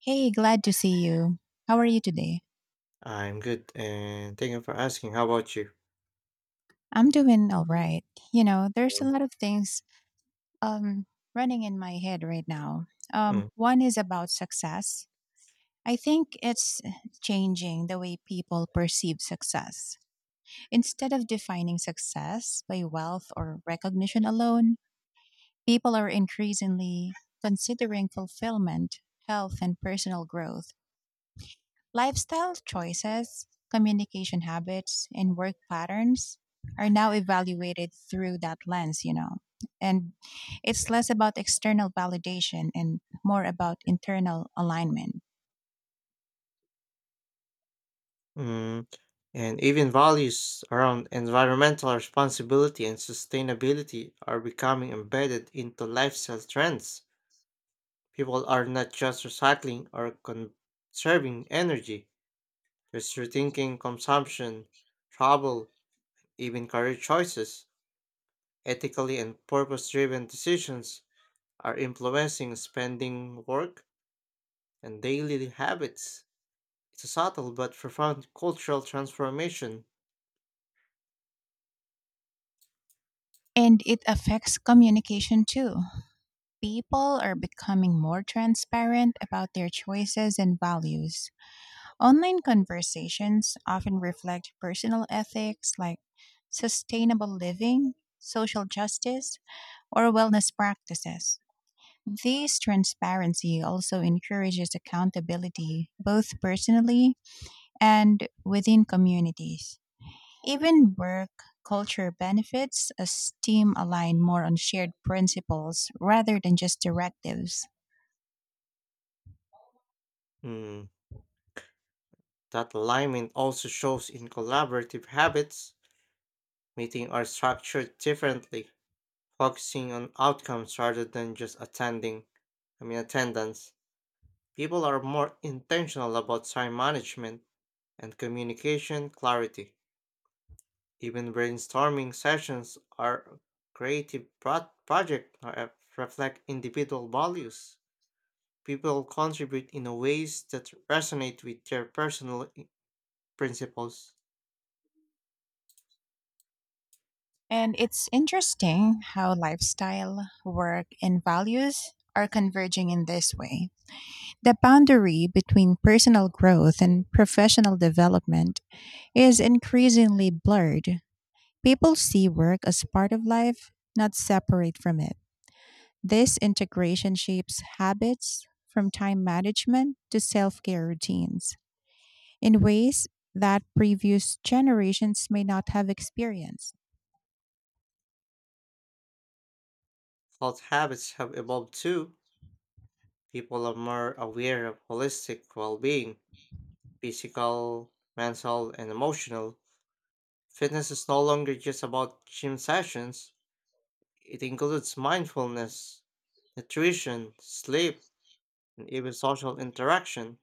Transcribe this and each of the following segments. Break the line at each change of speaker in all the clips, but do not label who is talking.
Hey, glad to see you. How are you today?
I'm good, and thank you for asking. How about you?
I'm doing all right. You know, there's a
Mm.
lot of things um running in my head right now.
Mm.
One is about success. I think it's changing the way people perceive success. Instead of defining success by wealth or recognition alone, people are increasingly considering fulfillment, health, and personal growth. Lifestyle choices, communication habits, and work patterns are now evaluated through that lens. And it's less about external validation and more about internal alignment.
Mm. And even values around environmental responsibility and sustainability are becoming embedded into lifestyle trends. People are not just recycling or conserving energy, they're rethinking consumption, travel, even career choices. Ethically and purpose driven decisions are influencing spending, work, and daily habits. It's a subtle but profound cultural transformation.
And it affects communication too. People are becoming more transparent about their choices and values. Online conversations often reflect personal ethics like sustainable living, social justice, or wellness practices. This transparency also encourages accountability, both personally and within communities. Even work culture benefits as team align more on shared principles rather than just directives.
Hmm, that alignment also shows in collaborative habits. Meetings are structured differently, focusing on outcomes rather than just attending. I mean attendance. People are more intentional about time management and communication clarity. Even brainstorming sessions or creative project reflect individual values. People contribute in a ways that resonate with their personal principles.
And it's interesting how lifestyle, work, and values are converging in this way. The boundary between personal growth and professional development is increasingly blurred. People see work as part of life, not separate from it. This integration shapes habits from time management to self care routines in ways that previous generations may not have experienced.
Health habits have evolved too. People are more aware of holistic well being, physical, mental, and emotional. Fitness is no longer just about gym sessions, it includes mindfulness, nutrition, sleep, and even social interaction.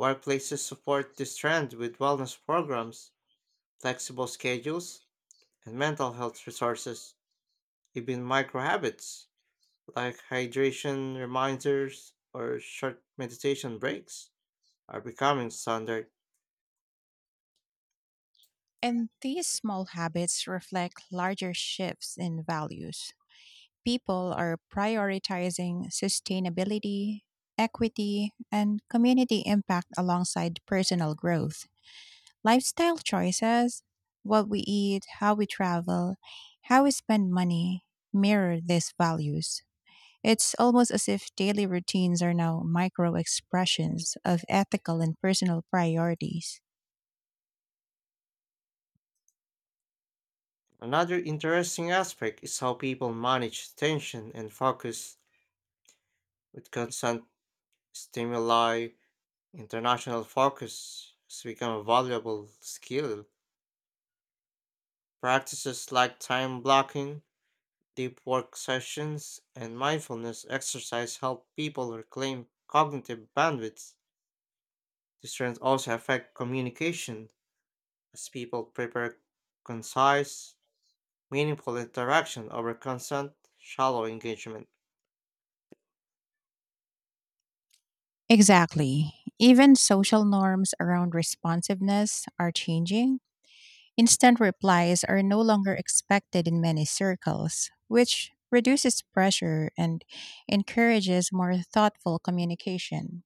Workplaces support this trend with wellness programs, flexible schedules, and mental health resources. Even micro habits like hydration reminders or short meditation breaks are becoming standard.
And these small habits reflect larger shifts in values. People are prioritizing sustainability, equity, and community impact alongside personal growth. Lifestyle choices, what we eat, how we travel, how we spend money mirror these values. It's almost as if daily routines are now micro expressions of ethical and personal priorities.
Another interesting aspect is how people manage tension and focus with constant stimuli. International focus has become a valuable skill. Practices like time blocking, deep work sessions, and mindfulness exercise help people reclaim cognitive bandwidth. These trends also affect communication as people prefer concise, meaningful interaction over constant, shallow engagement.
Exactly. Even social norms around responsiveness are changing. Instant replies are no longer expected in many circles, which reduces pressure and encourages more thoughtful communication.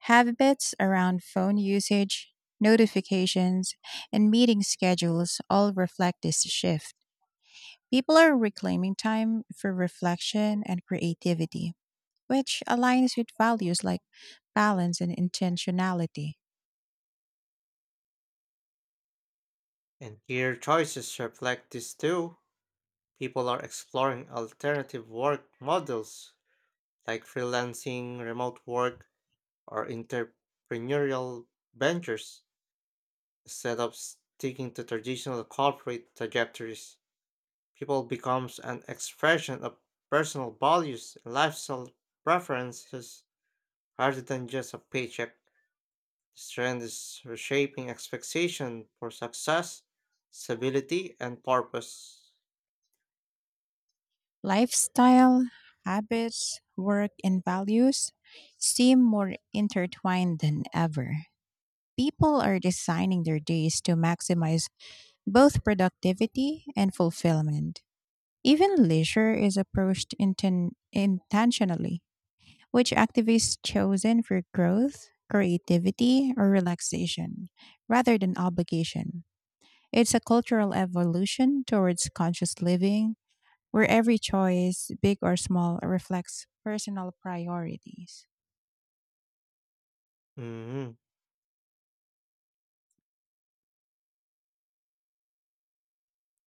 Habits around phone usage, notifications, and meeting schedules all reflect this shift. People are reclaiming time for reflection and creativity, which aligns with values like balance and intentionality.
And here choices reflect this too. People are exploring alternative work models like freelancing, remote work, or entrepreneurial ventures instead of sticking to traditional corporate trajectories. People becomes an expression of personal values and lifestyle preferences rather than just a paycheck. This trend is reshaping expectation for success, stability, and purpose.
Lifestyle, habits, work, and values seem more intertwined than ever. People are designing their days to maximize both productivity and fulfillment. Even leisure is approached intentionally. Which activities chosen for growth, creativity, or relaxation rather than obligation? It's a cultural evolution towards conscious living where every choice, big or small, reflects personal priorities.
Mhm.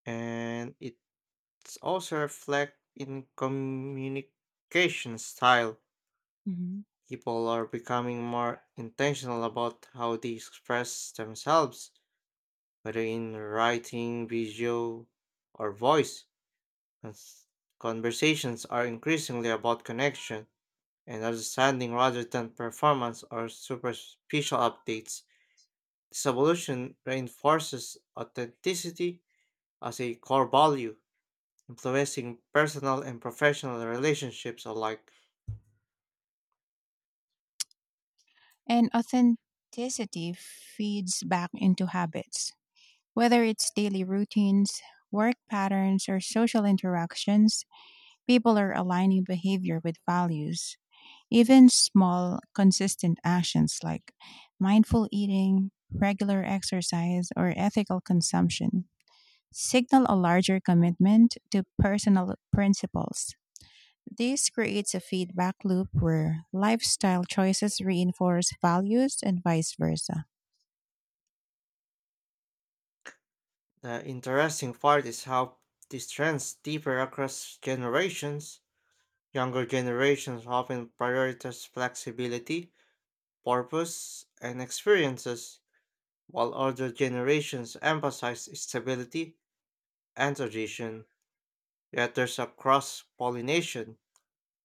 And it's also reflect in communication style.
Mhm.
People are becoming more intentional about how they express themselves, whether in writing, video, or voice. Cons- Conversations are increasingly about connection and understanding rather than performance or superficial updates. This evolution reinforces authenticity as a core value, influencing personal and professional relationships alike.
And authenticity feeds back into habits, whether it's daily routines, work patterns, or social interactions. People are aligning behavior with values. Even small, consistent actions like mindful eating, regular exercise, or ethical consumption signal a larger commitment to personal principles. This creates a feedback loop where lifestyle choices reinforce values and vice versa.
The interesting part is how these trends differ across generations. Younger generations often prioritize flexibility, purpose, and experiences, while older generations emphasize stability and tradition. Yet there's a cross pollination.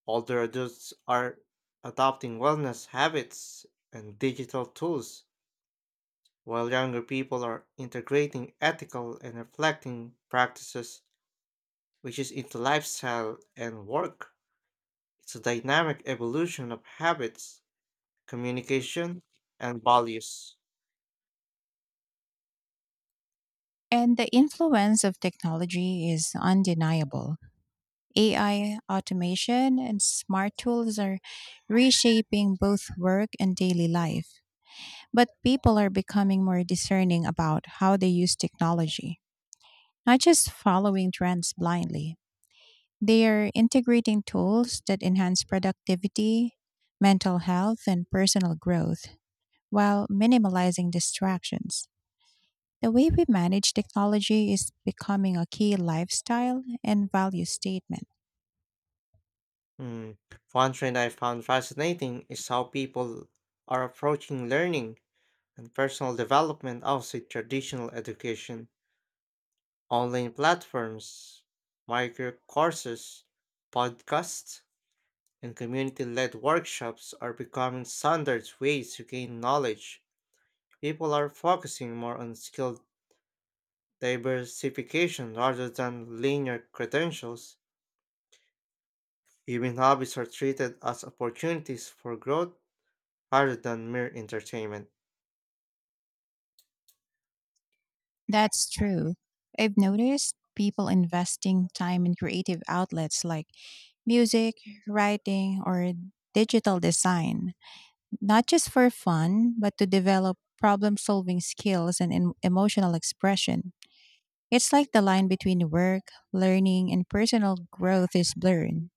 Older adults are adopting wellness habits and digital tools, while younger people are integrating ethical and reflecting practices, which is into lifestyle and work. It's a dynamic evolution of habits, communication, and values.
And the influence of technology is undeniable. AI, automation, and smart tools are reshaping both work and daily life. But people are becoming more discerning about how they use technology, not just following trends blindly. They are integrating tools that enhance productivity, mental health, and personal growth while minimalizing distractions. The way we manage technology is becoming a key lifestyle and value statement.
Hmm. One trend I found fascinating is how people are approaching learning and personal development outside traditional education. Online platforms, micro courses, podcasts, and community led workshops are becoming standard ways to gain knowledge. People are focusing more on skill diversification rather than linear credentials. Even hobbies are treated as opportunities for growth rather than mere entertainment.
That's true. I've noticed people investing time in creative outlets like music, writing, or digital design, not just for fun, but to develop problem solving skills and emotional expression. It's like the line between work, learning, and personal growth is blurred.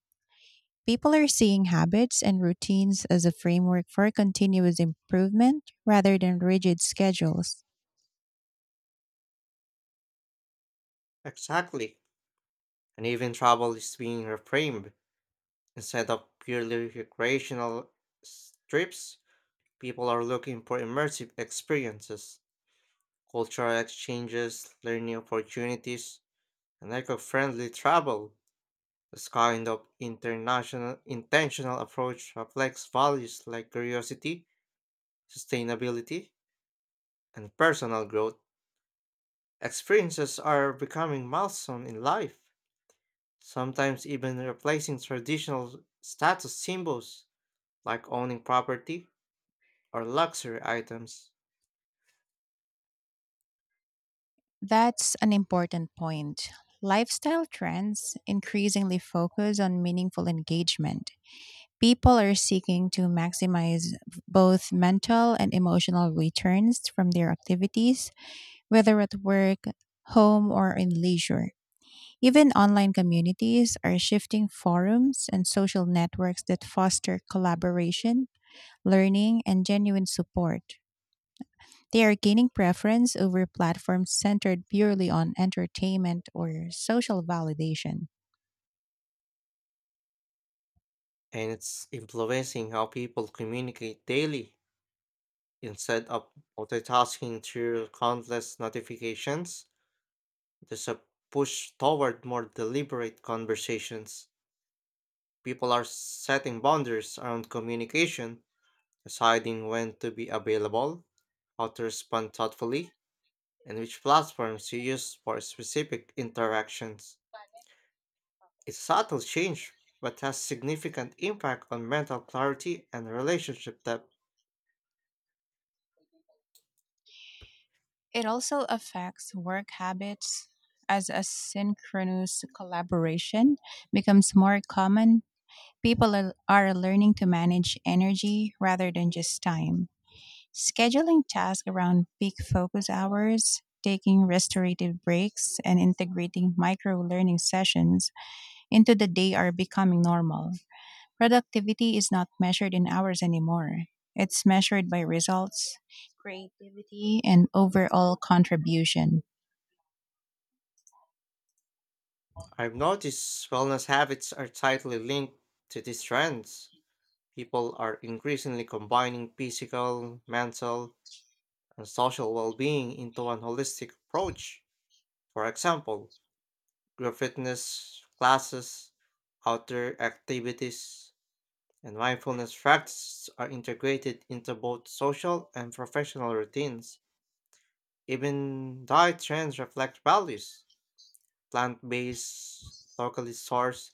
People are seeing habits and routines as a framework for continuous improvement rather than rigid schedules.
Exactly. And even travel is being reframed. Instead of purely recreational trips, people are looking for immersive experiences, cultural exchanges, learning opportunities, and eco-friendly travel. This kind of international intentional approach reflects values like curiosity, sustainability, and personal growth. Experiences are becoming milestone in life, sometimes even replacing traditional status symbols like owning property or luxury items.
That's an important point. Lifestyle trends increasingly focus on meaningful engagement. People are seeking to maximize both mental and emotional returns from their activities, whether at work, home, or in leisure. Even online communities are shifting forums and social networks that foster collaboration learning, and genuine support. They are gaining preference over platforms centered purely on entertainment or social validation.
And it's influencing how people communicate daily. Instead of multitasking through countless notifications, there's a push toward more deliberate conversations. People are setting boundaries around communication, deciding when to be available, how to respond thoughtfully, and which platforms to use for specific interactions. It's a subtle change, but has significant impact on mental clarity and relationship depth.
It also affects work habits as asynchronous collaboration becomes more common. People are learning to manage energy rather than just time, scheduling tasks around peak focus hours, taking restorative breaks, and integrating micro learning sessions into the day are becoming normal. Productivity is not measured in hours anymore. It's measured by results, creativity, and overall contribution.
I've noticed wellness habits are tightly linked to these trends. People are increasingly combining physical, mental, and social well being into one holistic approach. For example, group fitness classes, outdoor activities, and mindfulness practices are integrated into both social and professional routines. Even diet trends reflect values plant based, locally sourced.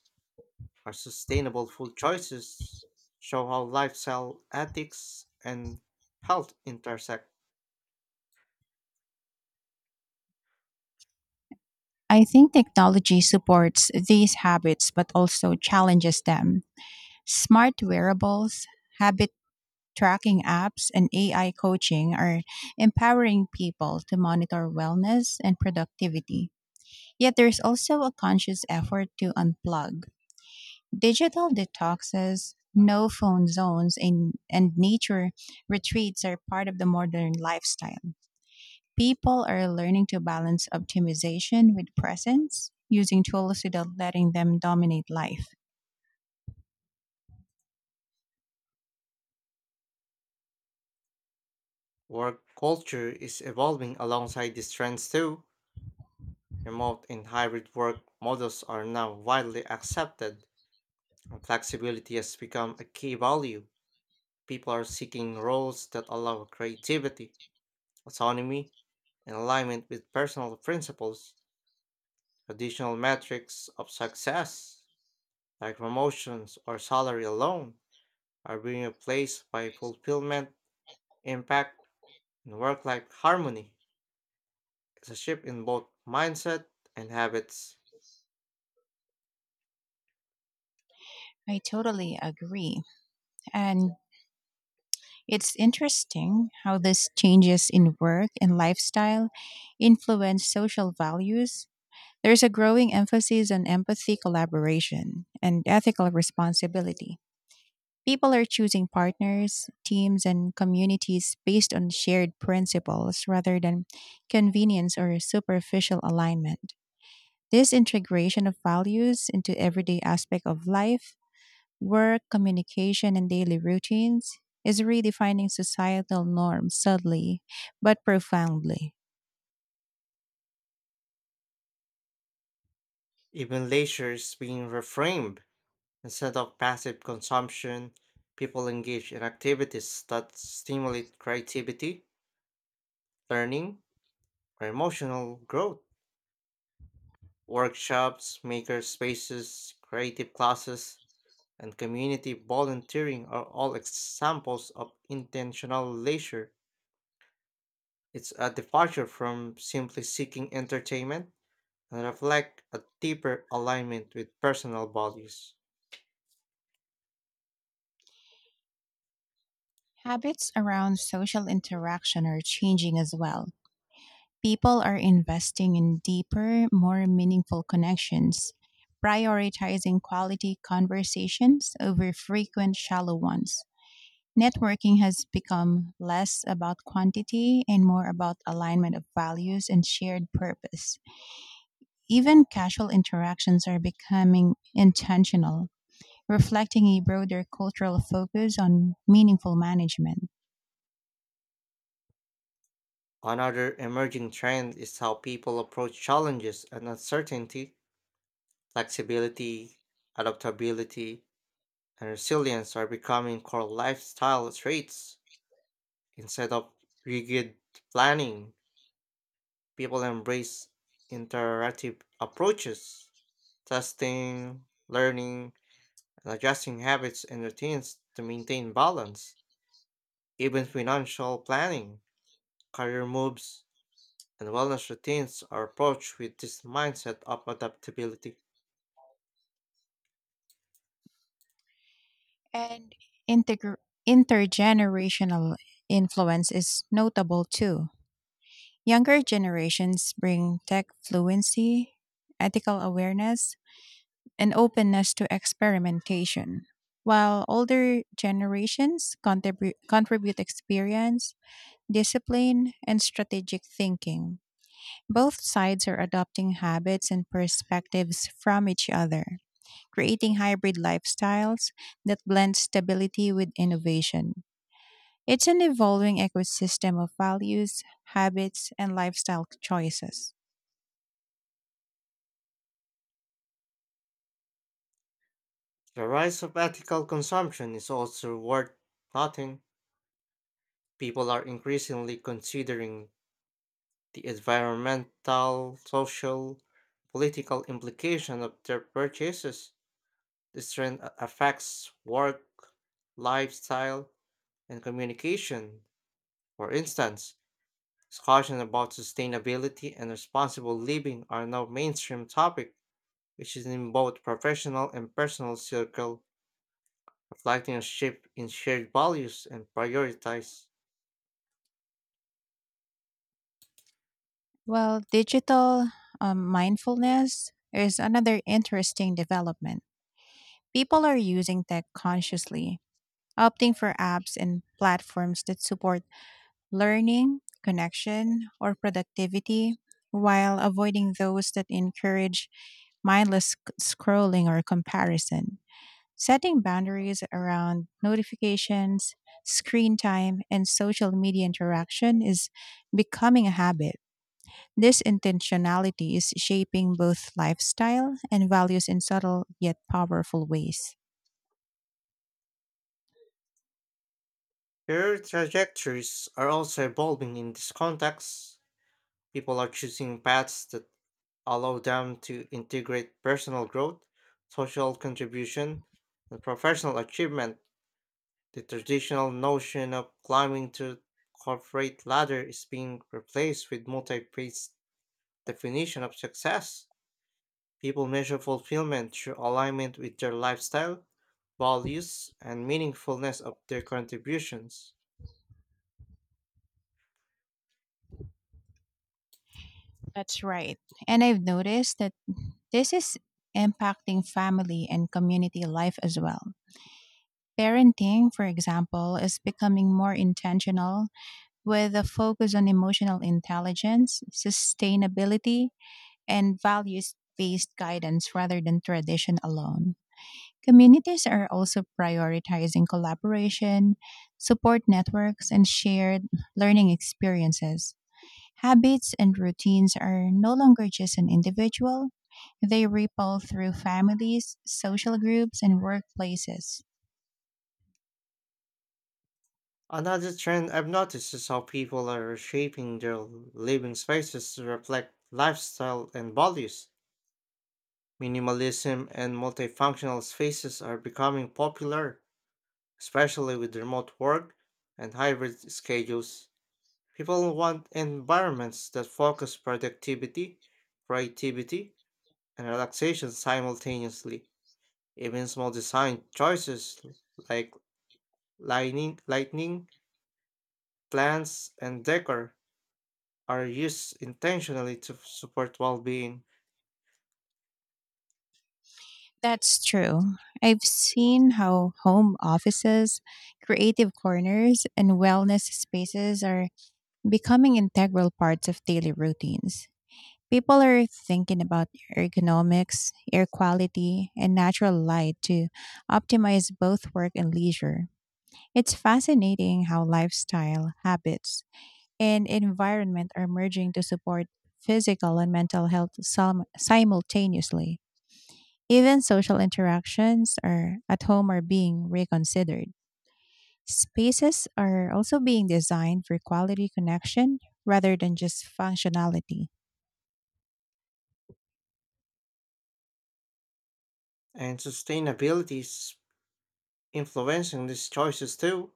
Our sustainable food choices show how lifestyle ethics and health intersect.
I think technology supports these habits but also challenges them. Smart wearables, habit tracking apps, and AI coaching are empowering people to monitor wellness and productivity. Yet there's also a conscious effort to unplug. Digital detoxes, no phone zones, in, and nature retreats are part of the modern lifestyle. People are learning to balance optimization with presence, using tools without letting them dominate life.
Work culture is evolving alongside these trends too. Remote and hybrid work models are now widely accepted, and flexibility has become a key value. People are seeking roles that allow creativity, autonomy, and alignment with personal principles. Traditional metrics of success, like promotions or salary alone, are being replaced by fulfillment, impact, and work life harmony. It's a shift in both mindset and habits.
I totally agree. And it's interesting how these changes in work and lifestyle influence social values. There's a growing emphasis on empathy, collaboration, and ethical responsibility. People are choosing partners, teams, and communities based on shared principles rather than convenience or superficial alignment. This integration of values into everyday aspect of life, work, communication, and daily routines is redefining societal norms subtly but profoundly.
Even leisure is being reframed. Instead of passive consumption, people engage in activities that stimulate creativity, learning, or emotional growth. Workshops, maker spaces, creative classes, and community volunteering are all examples of intentional leisure. It's a departure from simply seeking entertainment and reflect a deeper alignment with personal values.
Habits around social interaction are changing as well. People are investing in deeper, more meaningful connections, prioritizing quality conversations over frequent shallow ones. Networking has become less about quantity and more about alignment of values and shared purpose. Even casual interactions are becoming intentional, reflecting a broader cultural focus on meaningful management.
Another emerging trend is how people approach challenges and uncertainty. Flexibility, adaptability, and resilience are becoming core lifestyle traits. Instead of rigid planning, people embrace interactive approaches, testing, learning, and adjusting habits and routines to maintain balance. Even financial planning, career moves, and wellness routines are approached with this mindset of adaptability.
And integr- intergenerational influence is notable too. Younger generations bring tech fluency, ethical awareness, and openness to experimentation, while older generations contribute experience, discipline, and strategic thinking. Both sides are adopting habits and perspectives from each other, creating hybrid lifestyles that blend stability with innovation. It's an evolving ecosystem of values, habits, and lifestyle choices.
The rise of ethical consumption is also worth noting. People are increasingly considering the environmental, social, political implication of their purchases. This trend affects work, lifestyle, and communication. For instance, discussions about sustainability and responsible living are now mainstream topic, which is in both professional and personal circle, reflecting a shift in shared values and priorities.
Well, digital mindfulness is another interesting development. People are using tech consciously, opting for apps and platforms that support learning, connection, or productivity, while avoiding those that encourage mindless scrolling or comparison. Setting boundaries around notifications, screen time, and social media interaction is becoming a habit. This intentionality is shaping both lifestyle and values in subtle yet powerful ways.
Career trajectories are also evolving in this context. People are choosing paths that allow them to integrate personal growth, social contribution, and professional achievement. The traditional notion of climbing to corporate ladder is being replaced with multi-phase definition of success. People measure fulfillment through alignment with their lifestyle, values, and meaningfulness of their contributions.
That's right. And I've noticed that this is impacting family and community life as well. Parenting, for example, is becoming more intentional with a focus on emotional intelligence, sustainability, and values based guidance rather than tradition alone. Communities are also prioritizing collaboration, support networks, and shared learning experiences. Habits and routines are no longer just an individual, they ripple through families, social groups, and workplaces.
Another trend I've noticed is how people are reshaping their living spaces to reflect lifestyle and values. Minimalism and multifunctional spaces are becoming popular. Especially with remote work and hybrid schedules, people want environments that focus productivity, creativity, and relaxation simultaneously. Even small design choices like lighting, plants, and decor are used intentionally to support well-being.
That's true. I've seen how home offices, creative corners, and wellness spaces are becoming integral parts of daily routines. People are thinking about ergonomics, air quality, and natural light to optimize both work and leisure. It's fascinating how lifestyle, habits, and environment are merging to support physical and mental health simultaneously. Even social interactions are at home are being reconsidered. Spaces are also being designed for quality connection rather than just functionality.
And sustainability is influencing these choices too.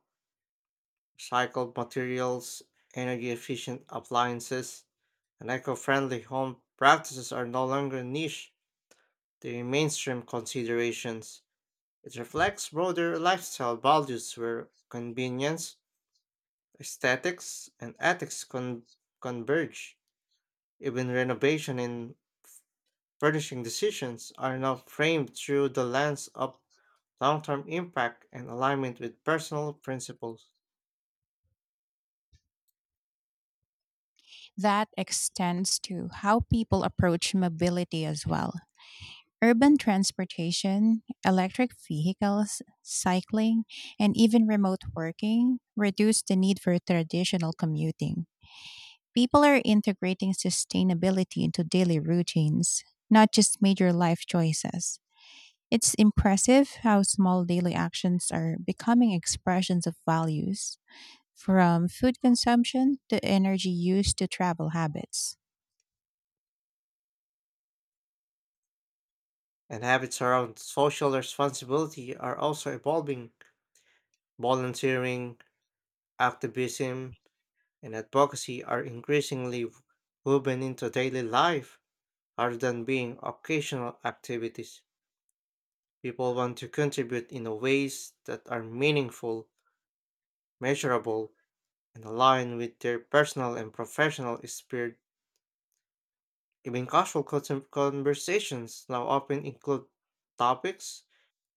Recycled materials, energy efficient appliances, and eco-friendly home practices are no longer niche, they're mainstream considerations. It reflects broader lifestyle values where convenience, aesthetics, and ethics converge. Even renovation and furnishing decisions are now framed through the lens of long-term impact and alignment with personal principles.
That extends to how people approach mobility as well. Urban transportation, electric vehicles, cycling, and even remote working reduce the need for traditional commuting. People are integrating sustainability into daily routines, not just major life choices. It's impressive how small daily actions are becoming expressions of values, from food consumption to energy use to travel habits.
And habits around social responsibility are also evolving. Volunteering, activism, and advocacy are increasingly woven into daily life rather than being occasional activities. People want to contribute in ways that are meaningful, measurable, and align with their personal and professional spirit. Even casual conversations now often include topics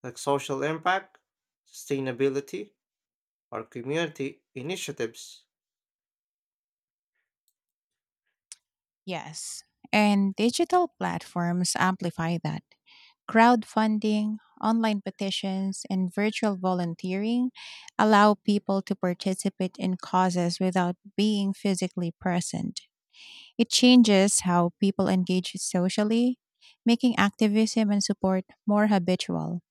like social impact, sustainability, or community initiatives.
Yes, and digital platforms amplify that. Crowdfunding, online petitions, and virtual volunteering allow people to participate in causes without being physically present. It changes how people engage socially, making activism and support more habitual.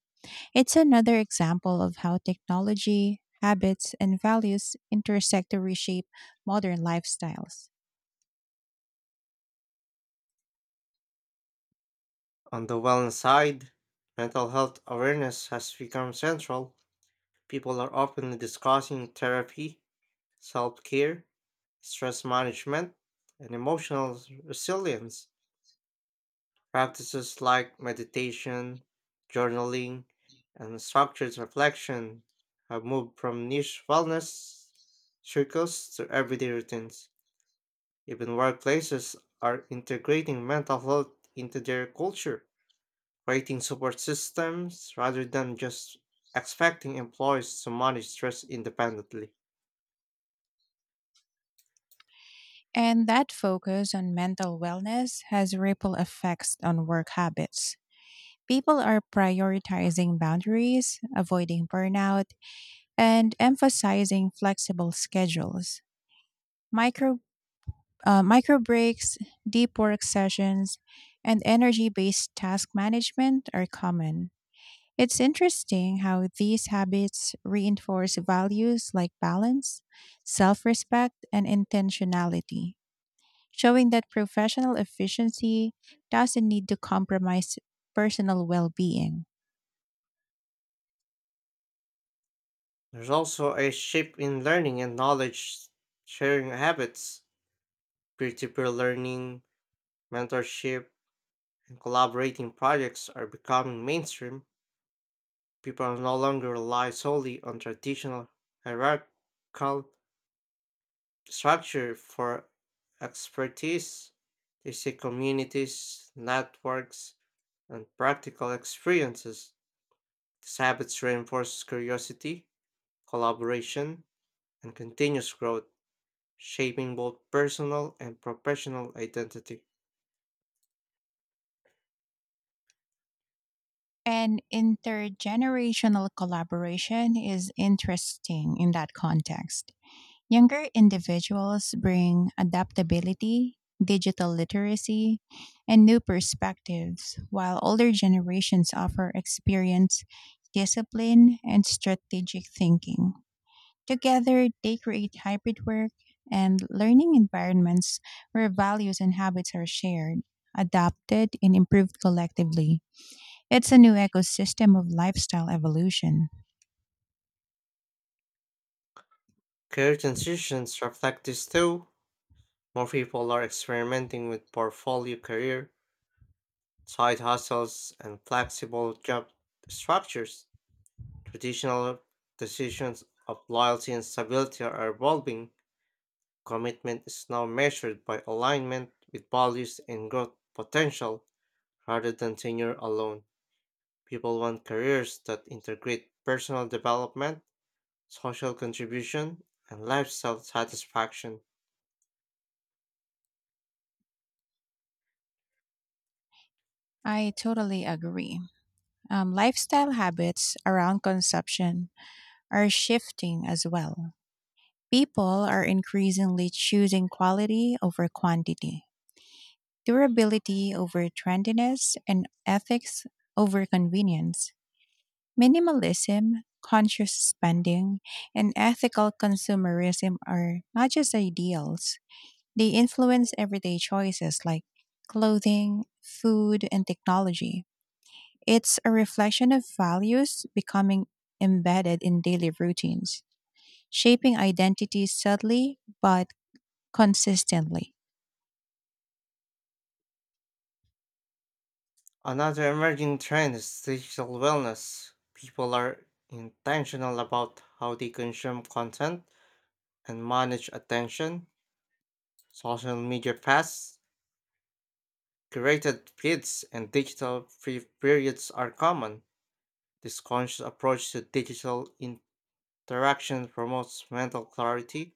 It's another example of how technology, habits, and values intersect to reshape modern lifestyles.
On the wellness side, mental health awareness has become central. People are often discussing therapy, self care, stress management, and emotional resilience. Practices like meditation, journaling, and structured reflection have moved from niche wellness circles to everyday routines. Even workplaces are integrating mental health into their culture, creating support systems rather than just expecting employees to manage stress independently.
And that focus on mental wellness has ripple effects on work habits. People are prioritizing boundaries, avoiding burnout, and emphasizing flexible schedules. Micro, micro breaks, deep work sessions, and energy based task management are common. It's interesting how these habits reinforce values like balance, self respect, and intentionality, showing that professional efficiency doesn't need to compromise personal well being.
There's also a shift in learning and knowledge sharing habits. Peer to peer learning, mentorship, and collaborating projects are becoming mainstream. People no longer rely solely on traditional hierarchical structure for expertise. They seek communities, networks, and practical experiences. These habits reinforce curiosity, collaboration, and continuous growth, shaping both personal and professional identity.
And intergenerational collaboration is interesting in that context. Younger individuals bring adaptability, digital literacy, and new perspectives, while older generations offer experience, discipline, and strategic thinking. Together, they create hybrid work and learning environments where values and habits are shared, adapted, and improved collectively. It's a new ecosystem of lifestyle evolution.
Career transitions reflect this too. More people are experimenting with portfolio career, side hustles, and flexible job structures. Traditional decisions of loyalty and stability are evolving. Commitment is now measured by alignment with values and growth potential rather than tenure alone. People want careers that integrate personal development, social contribution, and lifestyle satisfaction.
I totally agree. Lifestyle habits around consumption are shifting as well. People are increasingly choosing quality over quantity, durability over trendiness, and ethics over convenience. Minimalism, conscious spending, and ethical consumerism are not just ideals, they influence everyday choices like clothing, food, and technology. It's a reflection of values becoming embedded in daily routines, shaping identity subtly but consistently.
Another emerging trend is digital wellness. People are intentional about how they consume content and manage attention. Social media fasts, curated feeds, and digital free periods are common. This conscious approach to digital interaction promotes mental clarity,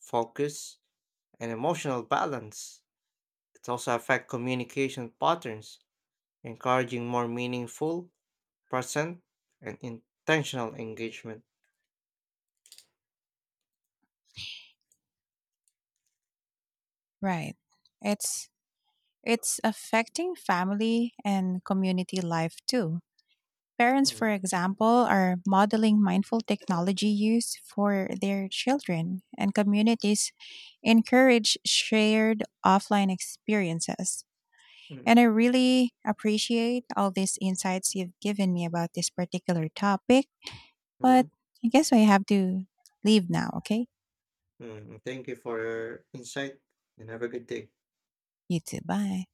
focus, and emotional balance. It also affects communication patterns encouraging more meaningful, present, and intentional engagement.
Right. It's it's affecting family and community life too. Parents, for
Mm,
example, are modeling mindful technology use for their children, and communities encourage shared offline experiences.
mm,
And I really appreciate all these insights you've given me about this particular topic. But
mm.
I guess I have to leave now, okay?
Mm. Thank you for your insight and have a good day.
You too. Bye.